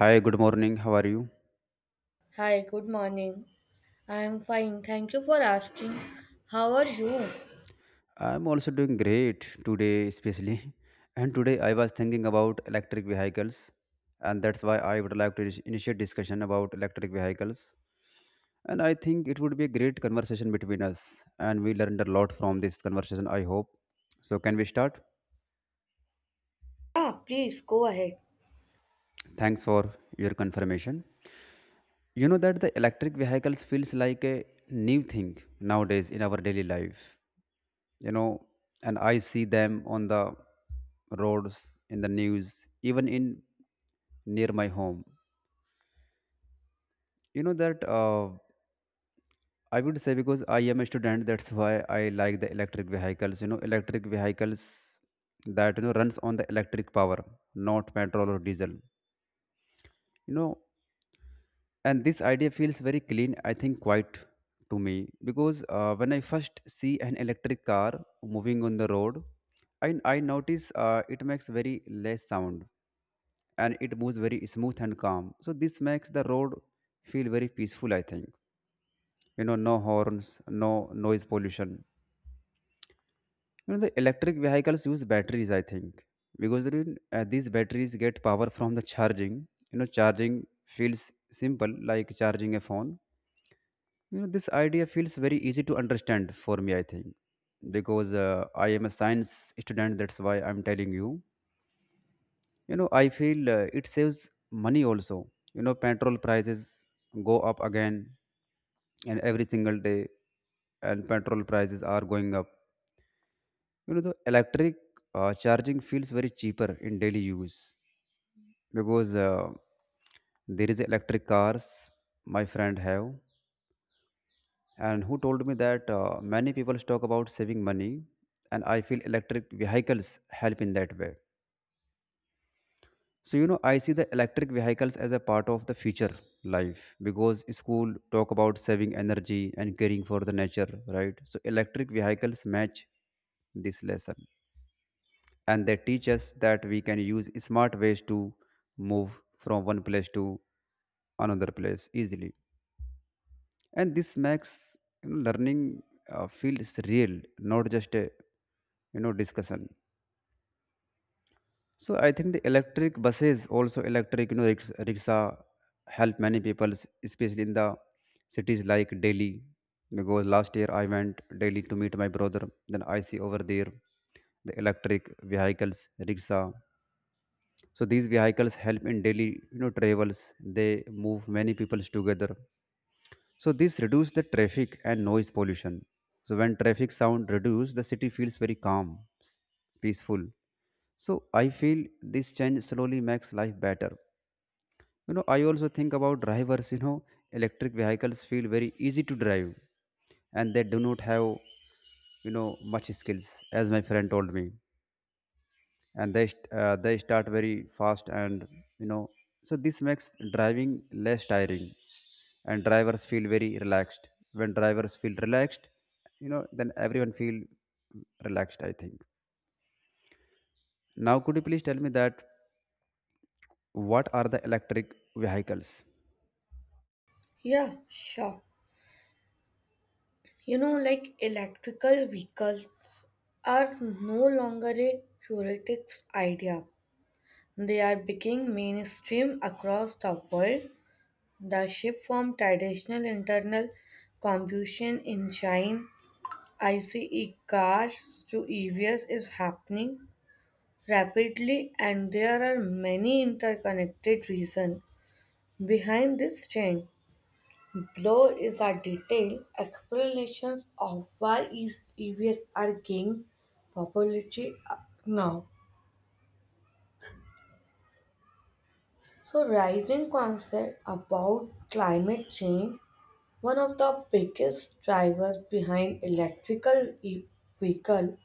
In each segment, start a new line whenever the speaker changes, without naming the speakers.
Hi, good morning. How are you?
Hi, good morning. I am fine. Thank you for asking. How are you?
I'm also doing great today, especially. And today I was thinking about electric vehicles, and that's why I would like to initiate discussion about electric vehicles. And I think it would be a great conversation between us, and we learned a lot from this conversation, I hope. So can we start?
Yeah, please go ahead.
Thanks for your confirmation. You know that the electric vehicles feels like a new thing nowadays in our daily life you know and I see them on the roads, in the news, even in near my home. You know that I would say, because I am a student, that's why I like the electric vehicles, you know, electric vehicles that, you know, runs on the electric power, not petrol or diesel, you know. And this idea feels very clean, I think, quite to me, because when I first see an electric car moving on the road, I notice it makes very less sound, and it moves very smooth and calm. So this makes the road feel very peaceful, I think. You know, no horns, no noise pollution. You know, the electric vehicles use batteries, I think, because these batteries get power from the charging. You know, charging feels simple, like charging a phone. You know, this idea feels very easy to understand for me, I think, because I am a science student. That's why I'm telling you, you know. I feel it saves money also. You know, petrol prices go up again, and every single day, and petrol prices are going up, you know. The electric, charging feels very cheaper in daily use, because there is electric cars my friend have, and who told me that many people talk about saving money, and I feel electric vehicles help in that way. So, you know, I see the electric vehicles as a part of the future life, because school talk about saving energy and caring for the nature, right? So electric vehicles match this lesson, and they teach us that we can use smart ways to move from one place to another place easily. And this makes, you know, learning feels real, not just a discussion. So I think the electric buses, also electric, you know, rickshaw help many people, especially in the cities like Delhi. Because last year I went Delhi to meet my brother. Then I see over there the electric vehicles, rickshaw. So these vehicles help in daily, you know, travels. They move many people together. So this reduce the traffic and noise pollution. So when traffic sound reduce, the city feels very calm, s- peaceful. So I feel this change slowly makes life better. You know, I also think about drivers. You know, electric vehicles feel very easy to drive, and they do not have, you know, much skills, as my friend told me. And they, they start very fast, and, you know, so this makes driving less tiring, and drivers feel very relaxed. When drivers feel relaxed, you know, then everyone feel relaxed, I think. Now, could you please tell me that what are the electric vehicles?
Yeah, sure. You know, like, electrical vehicles are no longer a theoretic idea. They are becoming mainstream across the world. The shift from traditional internal combustion engine ICE cars to EVs is happening rapidly, and there are many interconnected reasons behind this change. Below is a detailed explanations of why these EVs are gaining popularity now. So rising concern about climate change, one of the biggest drivers behind electrical vehicle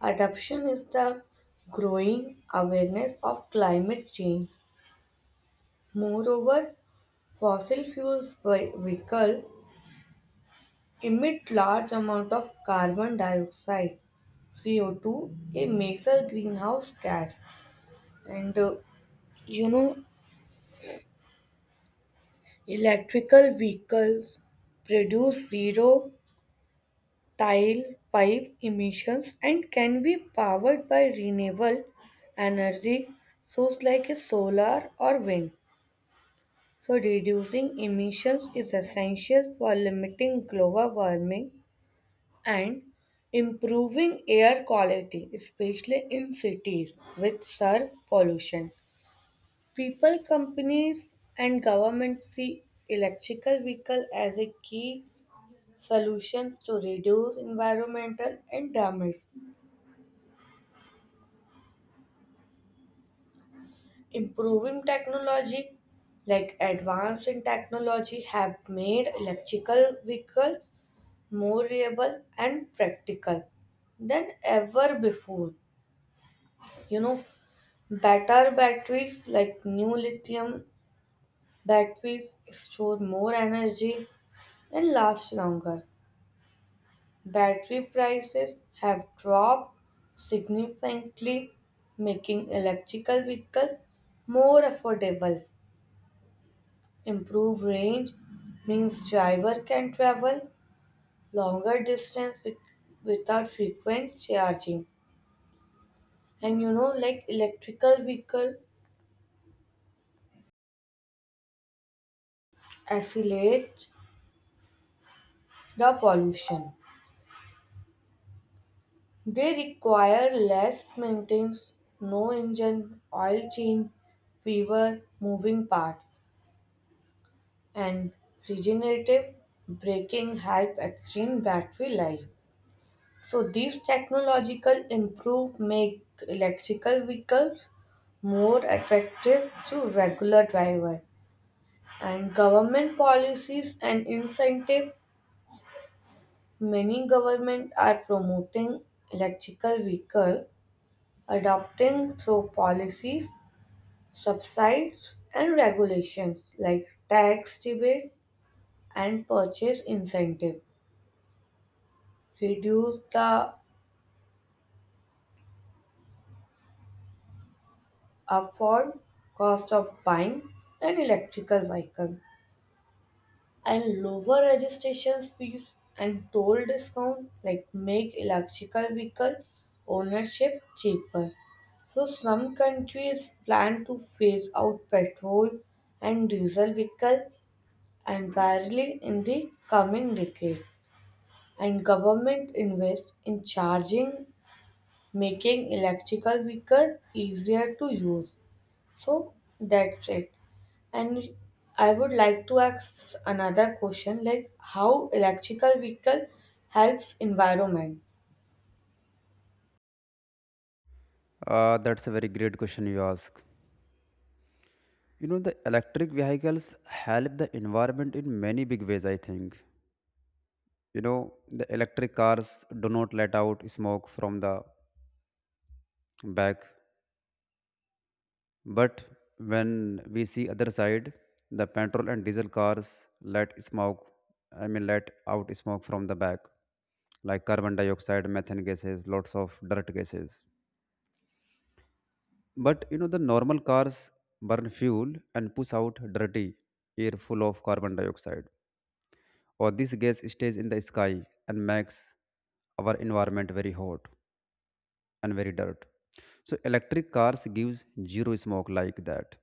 adoption is the growing awareness of climate change. Moreover, fossil fuels vehicle emit large amount of carbon dioxide, CO2, a major greenhouse gas, and you know, electrical vehicles produce zero tile pipe emissions and can be powered by renewable energy source like a solar or wind. So reducing emissions is essential for limiting global warming and improving air quality, especially in cities with surf pollution. People, companies, and governments see electrical vehicle as a key solutions to reduce environmental and damage. Improving technology, like advance in technology, have made electrical vehicle more reliable and practical than ever before. You know, better batteries like new lithium batteries store more energy and last longer. Battery prices have dropped significantly, making electrical vehicles more affordable. Improved range means driver can travel longer distance with, without frequent charging. And you know, like, electrical vehicle accelerate the pollution. They require less maintenance, no engine oil change, fewer moving parts, and regenerative braking help extend battery life. So these technological improve make electrical vehicles more attractive to regular driver, and government policies and incentive, many government are promoting electrical vehicle adopting through policies, subsides and regulations like tax rebate and purchase incentive reduce the upfront cost of buying an electrical vehicle, and lower registration fees and toll discount like make electrical vehicle ownership cheaper. So some countries plan to phase out petrol and diesel vehicles entirely in the coming decade, and government invest in charging, making electrical vehicle easier to use. So that's it, and I would like to ask another question, like how electrical vehicle helps environment.
That's a very great question you ask. You know, the electric vehicles help the environment in many big ways, I think. You know, the electric cars do not let out smoke from the back. But when we see other side, the petrol and diesel cars let smoke, I mean let out smoke from the back, like carbon dioxide, methane gases, lots of dirt gases. But you know, the normal cars burn fuel and push out dirty air full of carbon dioxide, or this gas stays in the sky and makes our environment very hot and very dirt. So electric cars gives zero smoke like that.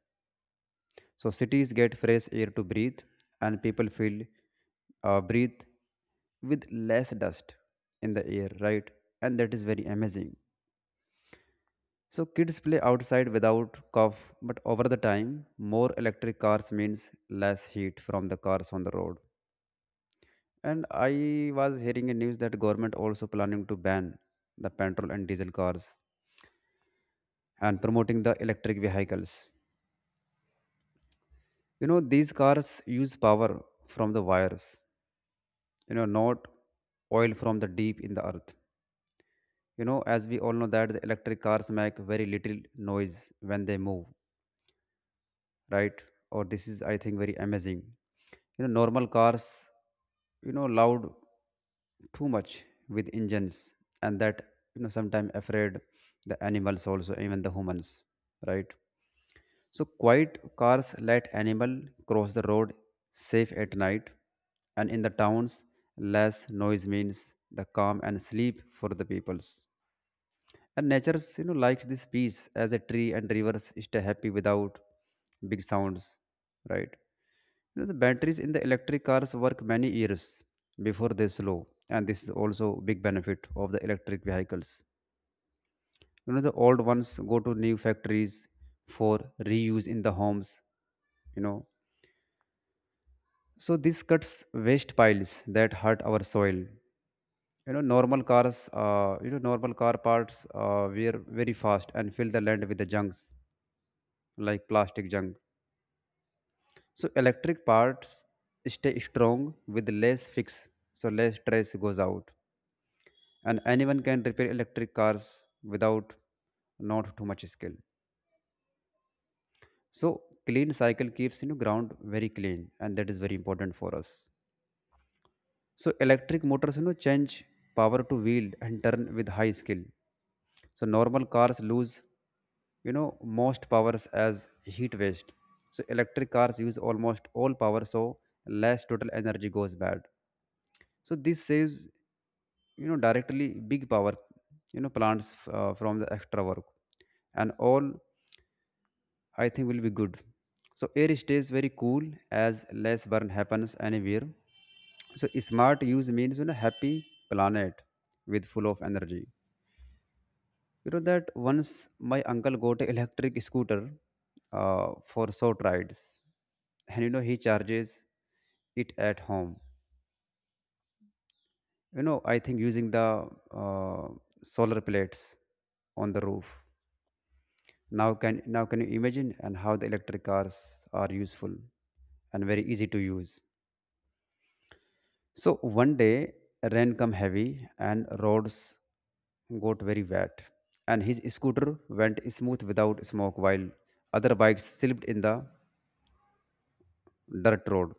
So cities get fresh air to breathe, and people feel breathe with less dust in the air, right? And that is very amazing. So kids play outside without cough, but over the time, more electric cars means less heat from the cars on the road. And I was hearing a news that government also planning to ban the petrol and diesel cars and promoting the electric vehicles. You know, these cars use power from the wires, you know, not oil from the deep in the earth. You know, as we all know that the electric cars make very little noise when they move, right? Or this is, I think, very amazing. You know, normal cars, you know, loud too much with engines, and that, you know, sometimes afraid the animals also, even the humans, right? So quiet cars let animal cross the road safe at night, and in the towns, less noise means the calm and sleep for the peoples. And nature, you know, likes this peace as a tree and rivers stay happy without big sounds, right? You know, the batteries in the electric cars work many years before they slow, and this is also big benefit of the electric vehicles. You know, the old ones go to new factories for reuse in the homes. You know, so this cuts waste piles that hurt our soil. You know, normal cars, normal car parts wear very fast and fill the land with the junks like plastic junk. So electric parts stay strong with less fix, so less stress goes out, and anyone can repair electric cars without not too much skill. So clean cycle keeps, you know, ground very clean, and that is very important for us. So electric motors, you know, change power to wheel and turn with high skill. So normal cars lose, you know, most powers as heat waste. So electric cars use almost all power, so less total energy goes bad. So this saves, you know, directly big power, you know, plants from the extra work, and all I think will be good. So air stays very cool as less burn happens anywhere. So smart use means, you know, happy planet with full of energy. You know that once my uncle got an electric scooter for short rides, and you know, he charges it at home. You know, I think using the solar plates on the roof. Now can you imagine and how the electric cars are useful and very easy to use. So one day rain come heavy and roads got very wet, and his scooter went smooth without smoke, while other bikes slipped in the dirt road.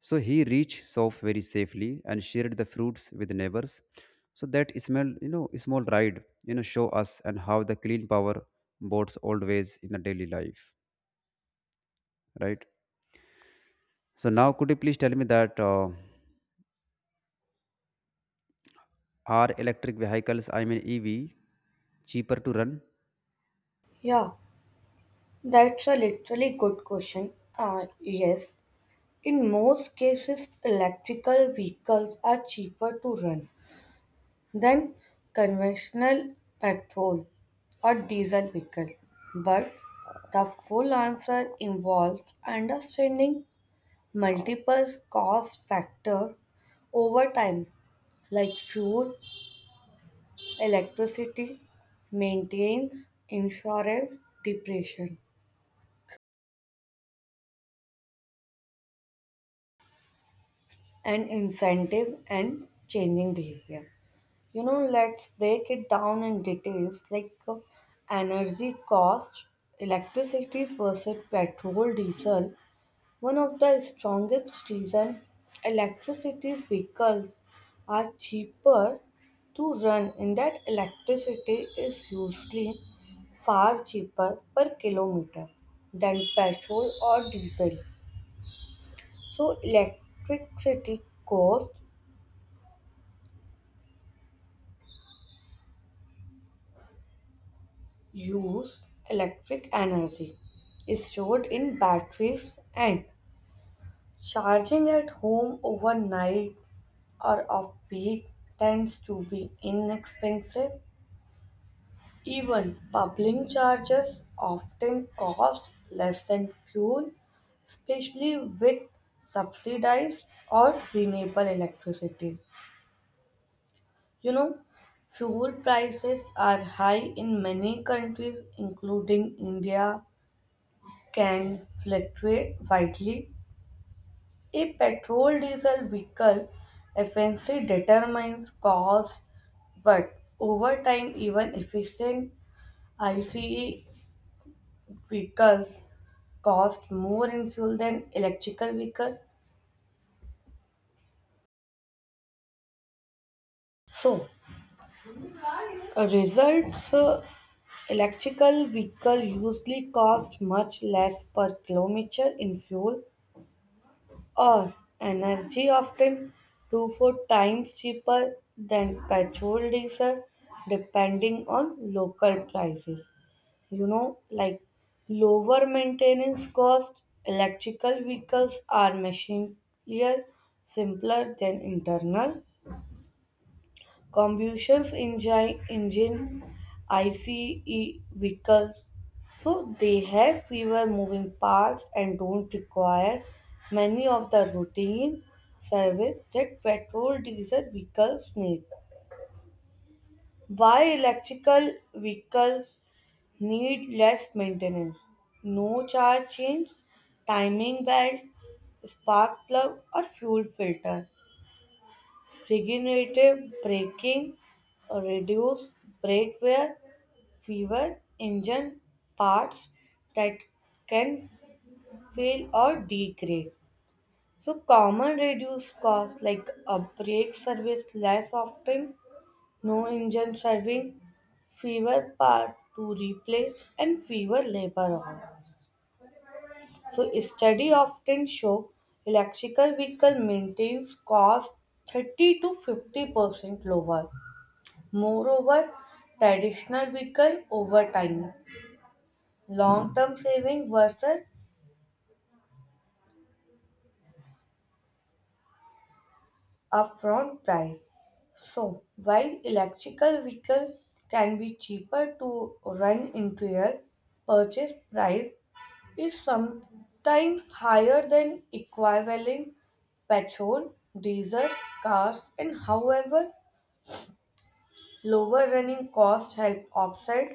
So he reached south very safely and shared the fruits with neighbors. So that small, you know, small ride, you know, show us and how the clean power boards always in the daily life, right? So now, could you please tell me that are electric vehicles, I mean EV, cheaper to run?
Yeah, that's a literally good question. Yes, in most cases, electrical vehicles are cheaper to run than conventional petrol or diesel vehicle. But the full answer involves understanding multiple cost factors over time, like fuel, electricity, maintenance, insurance, depreciation, and incentive and changing behavior. You know, let's break it down in details like energy cost, electricity versus petrol, diesel. One of the strongest reason electricity vehicles are cheaper to run in that electricity is usually far cheaper per kilometer than petrol or diesel. So electricity cost use electric energy stored in batteries, and charging at home overnight or off peak tends to be inexpensive. Even public chargers often cost less than fuel, especially with subsidized or renewable electricity. You know, fuel prices are high in many countries, including India, can fluctuate widely. A petrol diesel vehicle efficiency determines cost, but over time, even efficient ICE vehicles cost more in fuel than electrical vehicle. So results electrical vehicle usually cost much less per kilometer in fuel or energy, often 2 4 times cheaper than petrol diesel, depending on local prices. You know, like, lower maintenance cost, electrical vehicles are machinier simpler than internal combustion engine, ICE vehicles. So they have fewer moving parts and don't require many of the routine service that petrol diesel vehicles need. Why electrical vehicles need less maintenance? No charge change, timing belt, spark plug, or fuel filter. Regenerative braking reduces brake wear, fewer engine parts that can fail or degrade. So common reduced costs like a brake service less often, no engine serving, fewer parts to replace and fewer labor hours. So study often show electrical vehicle maintains cost 30 to 50% lower. Moreover, traditional weaken over time. Long-term saving versus upfront price. So, while electrical vehicle can be cheaper to run interior, purchase price is sometimes higher than equivalent petrol, diesel cars, and however, lower running costs help offset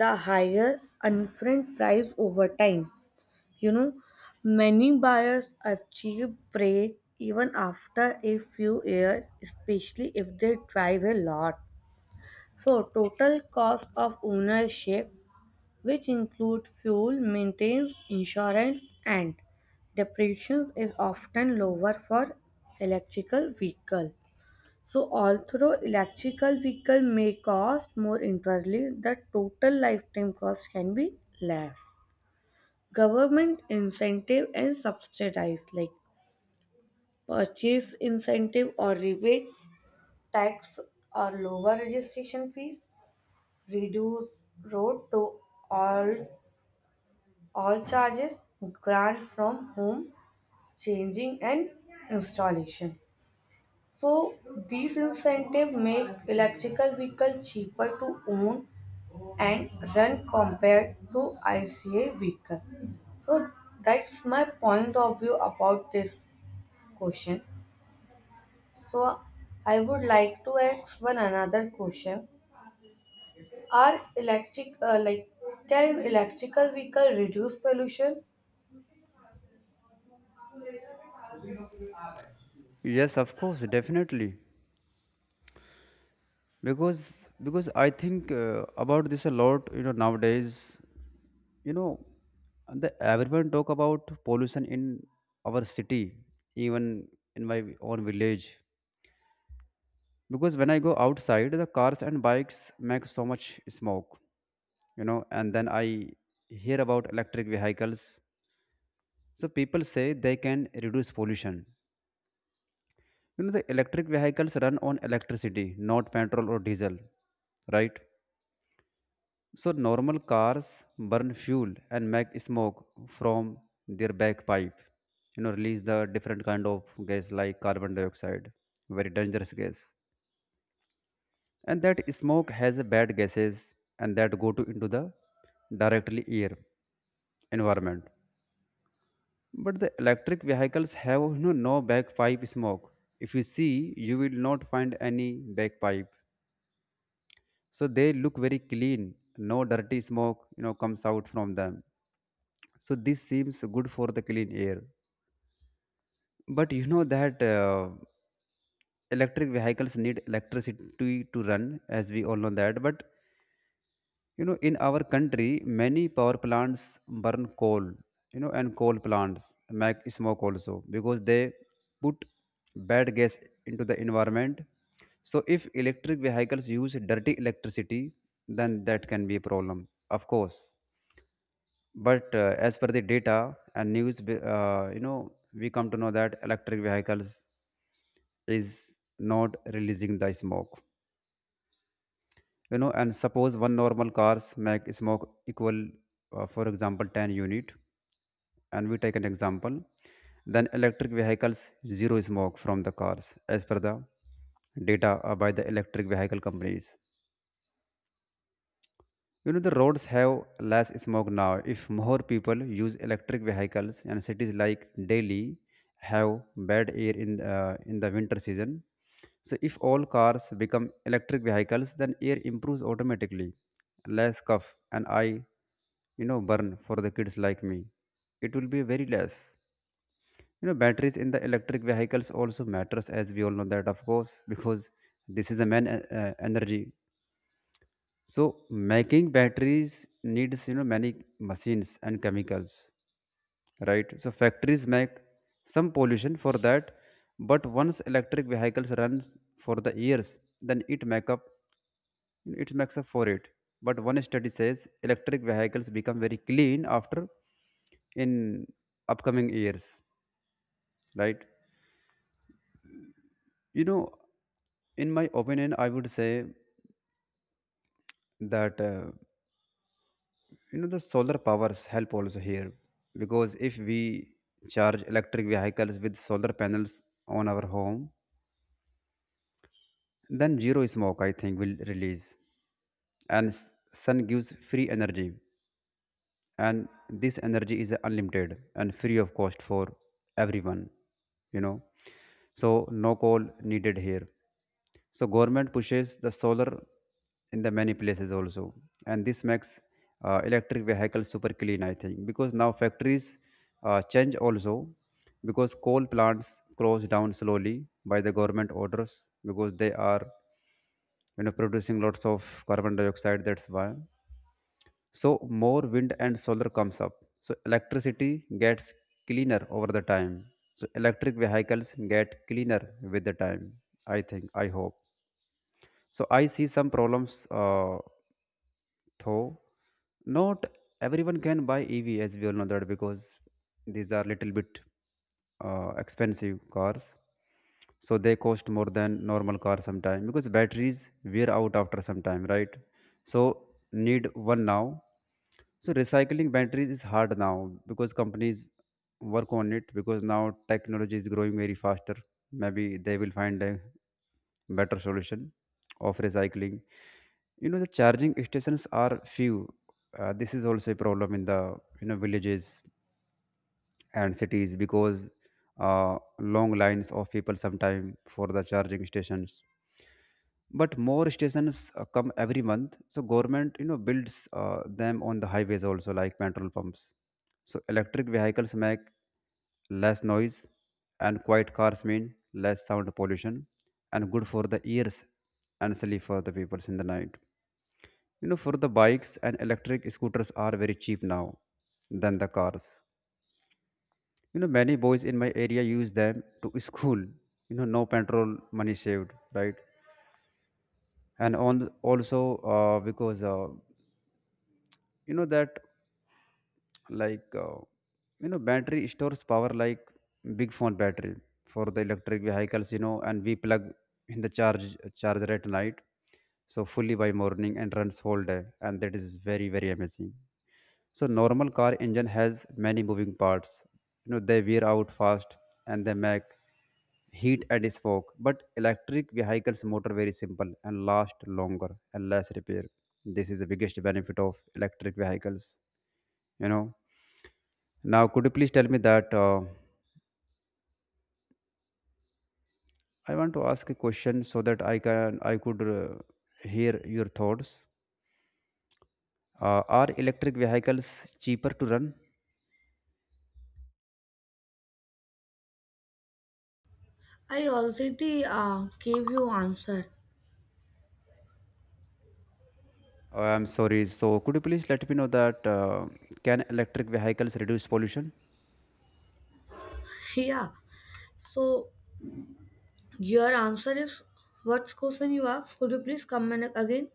the higher upfront price over time. You know, many buyers achieve break even after a few years, especially if they drive a lot. So, total cost of ownership, which include fuel, maintenance, insurance, and depreciation, is often lower for electrical vehicle. So, although electrical vehicle may cost more internally, the total lifetime cost can be less. Government incentive and subsidize like purchase incentive or rebate, tax or lower registration fees, reduce road to all all charges, grant from home, changing and installation. So these incentives make electrical vehicle cheaper to own and run compared to ICA vehicle. So that's my point of view about this question. So I would like to ask one another question. Are electric, like, can electrical vehicle reduce pollution?
Yes, of course, definitely. Because I think about this a lot, you know, nowadays, you know, the everyone talk about pollution in our city, even in my own village, because when I go outside, the cars and bikes make so much smoke, you know. And then I hear about electric vehicles, so people say they can reduce pollution. You know, the electric vehicles run on electricity, not petrol or diesel, right? So normal cars burn fuel and make smoke from their bagpipe. You know, release the different kind of gas like carbon dioxide, very dangerous gas. And that smoke has a bad gases, and that go to into the directly air environment. But the electric vehicles have, you know, no bagpipe smoke. If you see, you will not find any bagpipe. So they look very clean. No dirty smoke, you know, comes out from them, so this seems good for the clean air. But you know that electric vehicles need electricity to run, as we all know that. But you know, in our country, many power plants burn coal, you know. And coal plants make smoke also, because they put bad gas into the environment. So if electric vehicles use dirty electricity, then that can be a problem, of course. But as per the data and news, you know, we come to know that electric vehicles is not releasing the smoke, you know. And suppose one normal cars make smoke equal, for example, 10 unit, and we take an example. Then electric vehicles zero smoke from the cars, as per the data by the electric vehicle companies. You know, the roads have less smoke now, if more people use electric vehicles. And cities like Delhi have bad air in the winter season. So, if all cars become electric vehicles, then air improves automatically. Less cough and eye, you know, burn for the kids like me. It will be very less. You know, batteries in the electric vehicles also matters, as we all know that, of course, because this is the main energy. So making batteries needs, you know, many machines and chemicals, right? So factories make some pollution for that, but once electric vehicles runs for the years, then it makes up for it. But one study says electric vehicles become very clean after in upcoming years, right? You know, in my opinion, I would say that. You know, the solar powers help also here, because if we charge electric vehicles with solar panels on our home, then zero smoke I think will release. And sun gives free energy, and this energy is unlimited and free of cost for everyone, you know. So no coal needed here, so government pushes the solar in the many places also. And this makes electric vehicles super clean I think, because now factories change also, because coal plants close down slowly by the government orders, because they are, you know, producing lots of carbon dioxide, that's why. So more wind and solar comes up, so electricity gets cleaner over the time, so electric vehicles get cleaner with the time, I think, I hope. So I see some problems though. Not everyone can buy EV, as we all know that, because these are little bit expensive cars. So they cost more than normal car sometime, because batteries wear out after some time, right? So need one now. So recycling batteries is hard now, because companies work on it, because now technology is growing very faster. Maybe they will find a better solution of recycling. You know, the charging stations are few. This is also a problem in the, you know, villages and cities, because long lines of people sometime for the charging stations. But more stations come every month, so government, you know, builds them on the highways also like petrol pumps. So electric vehicles make less noise, and quiet cars mean less sound pollution and good for the ears and silly for the people in the night, you know. For the bikes and electric scooters are very cheap now than the cars, you know. Many boys in my area use them to school, you know, no petrol money saved, right? And on also because, you know that, like, you know, battery stores power like big phone battery for the electric vehicles, you know. And we plug in the charger at night, so fully by morning and runs whole day, and that is very very amazing. So normal car engine has many moving parts. You know, they wear out fast and they make heat and smoke. But electric vehicles motor very simple and last longer and less repair. This is the biggest benefit of electric vehicles. You know. Now could you please tell me that, I want to ask a question so that I could hear your thoughts. Are electric vehicles cheaper to run?
I already gave you answer.
I'm sorry. So could you please let me know that, can electric vehicles reduce pollution?
Yeah. So your answer is, what question you asked? Could you please comment again?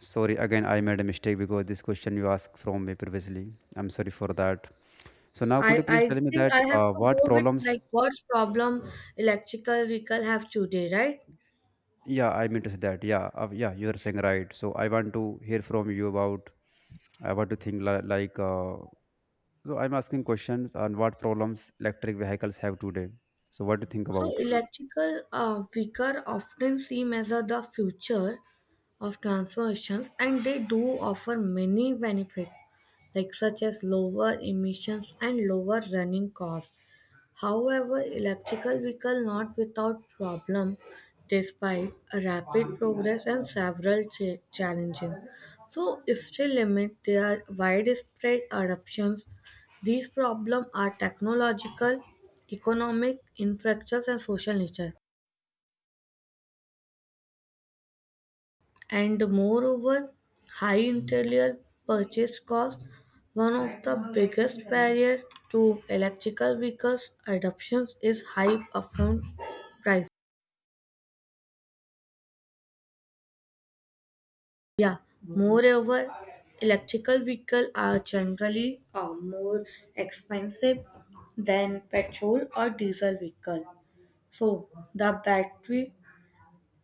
Sorry, again, I made a mistake because this question you asked from me previously. I'm sorry for that. So now could
I,
you please
I
tell me
think
that,
I have to go
what
with
problems?
like what problem electrical vehicle have today, right?
Yeah, I mean to say that. Yeah, yeah, you are saying right. So I want to hear from you about. I want to think like. So I'm asking questions on what problems electric vehicles have today. So what do you think
So
about?
electrical vehicle often seem as a, the future of transformations, and they do offer many benefits like such as lower emissions and lower running costs. However, electrical vehicle not without problem, despite a rapid progress and several challenges. So still limit their widespread adoptions. These problems are technological, economic, infrastructure and social nature. And moreover, high interior purchase cost, one of the biggest barrier to electrical vehicles adoptions is high upfront price. Yeah. Moreover, electrical vehicles are generally more expensive than petrol or diesel vehicle. So the battery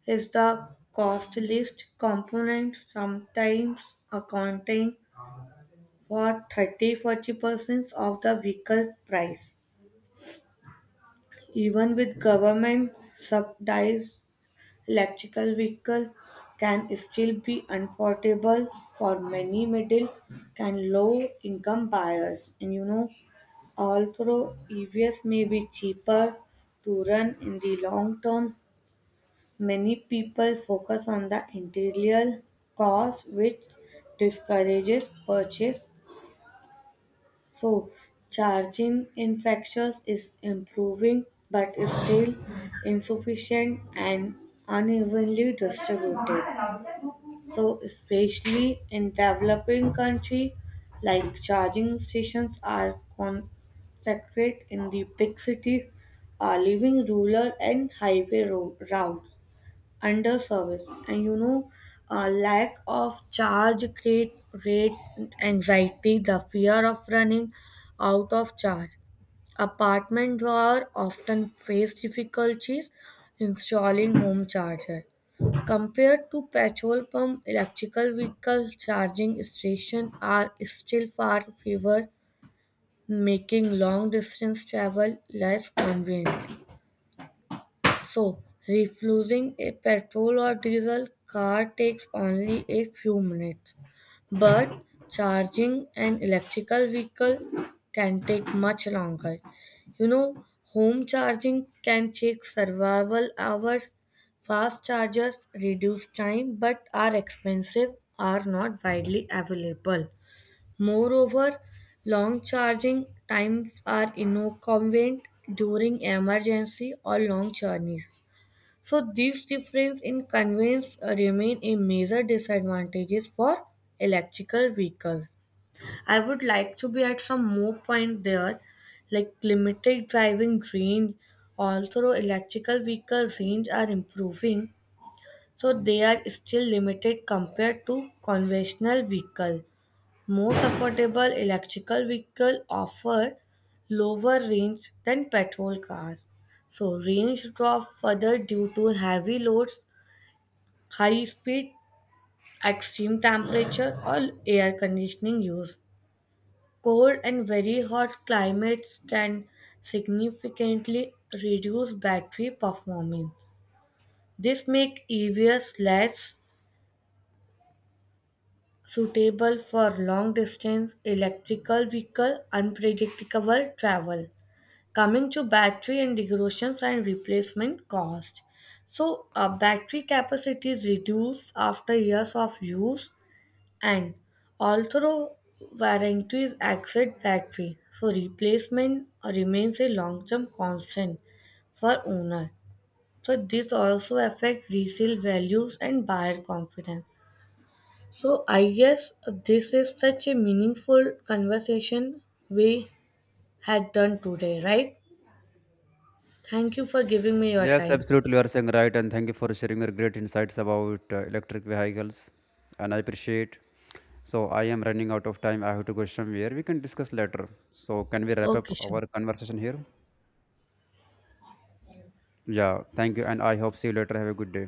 is the costliest component, sometimes accounting for 30-40% of the vehicle price. Even with government subsidies, electrical vehicle can still be affordable for many middle and low income buyers. And you know, although EVs may be cheaper to run in the long term, many people focus on the interior cost, which discourages purchase. So, charging infrastructures is improving but is still insufficient and unevenly distributed. So especially in developing country, like, charging stations are concentrated in the big cities, are leaving rural and highway road, routes under service. And you know, a lack of charge create rate anxiety, the fear of running out of charge, apartment were often faced difficulties installing home charger. Compared to petrol pump, electrical vehicle charging stations are still far fewer, making long distance travel less convenient. So, refueling a petrol or diesel car takes only a few minutes, but charging an electrical vehicle can take much longer. You know, home charging can take survival hours. Fast chargers reduce time but are expensive, are not widely available. Moreover, long charging times are inconvenient during emergency or long journeys. So these difference in conveyance remain a major disadvantages for electrical vehicles. I would like to be at some more point there, like limited driving range. Although electrical vehicle range are improving, so they are still limited compared to conventional vehicle. Most affordable electrical vehicle offer lower range than petrol cars. So range drop further due to heavy loads, high speed, extreme temperature, or air conditioning use. Cold and very hot climates can significantly reduce battery performance. This makes EVs less suitable for long distance electrical vehicle unpredictable travel. Coming to battery and degradation and replacement cost. So battery capacity is reduced after years of use. And although warranties exceed that fee, so replacement remains a long-term constant for owner. So this also affect resale values and buyer confidence. So I guess this is such a meaningful conversation we had done today, right? Thank you for giving me your
Yes,
time.
absolutely. You are saying right, and thank you for sharing your great insights about electric vehicles. And I appreciate. So I am running out of time. I have to go somewhere. We can discuss later. So can we wrap
Okay,
up
sure.
our conversation here? Yeah. Thank you, and I hope see you later. Have a good day.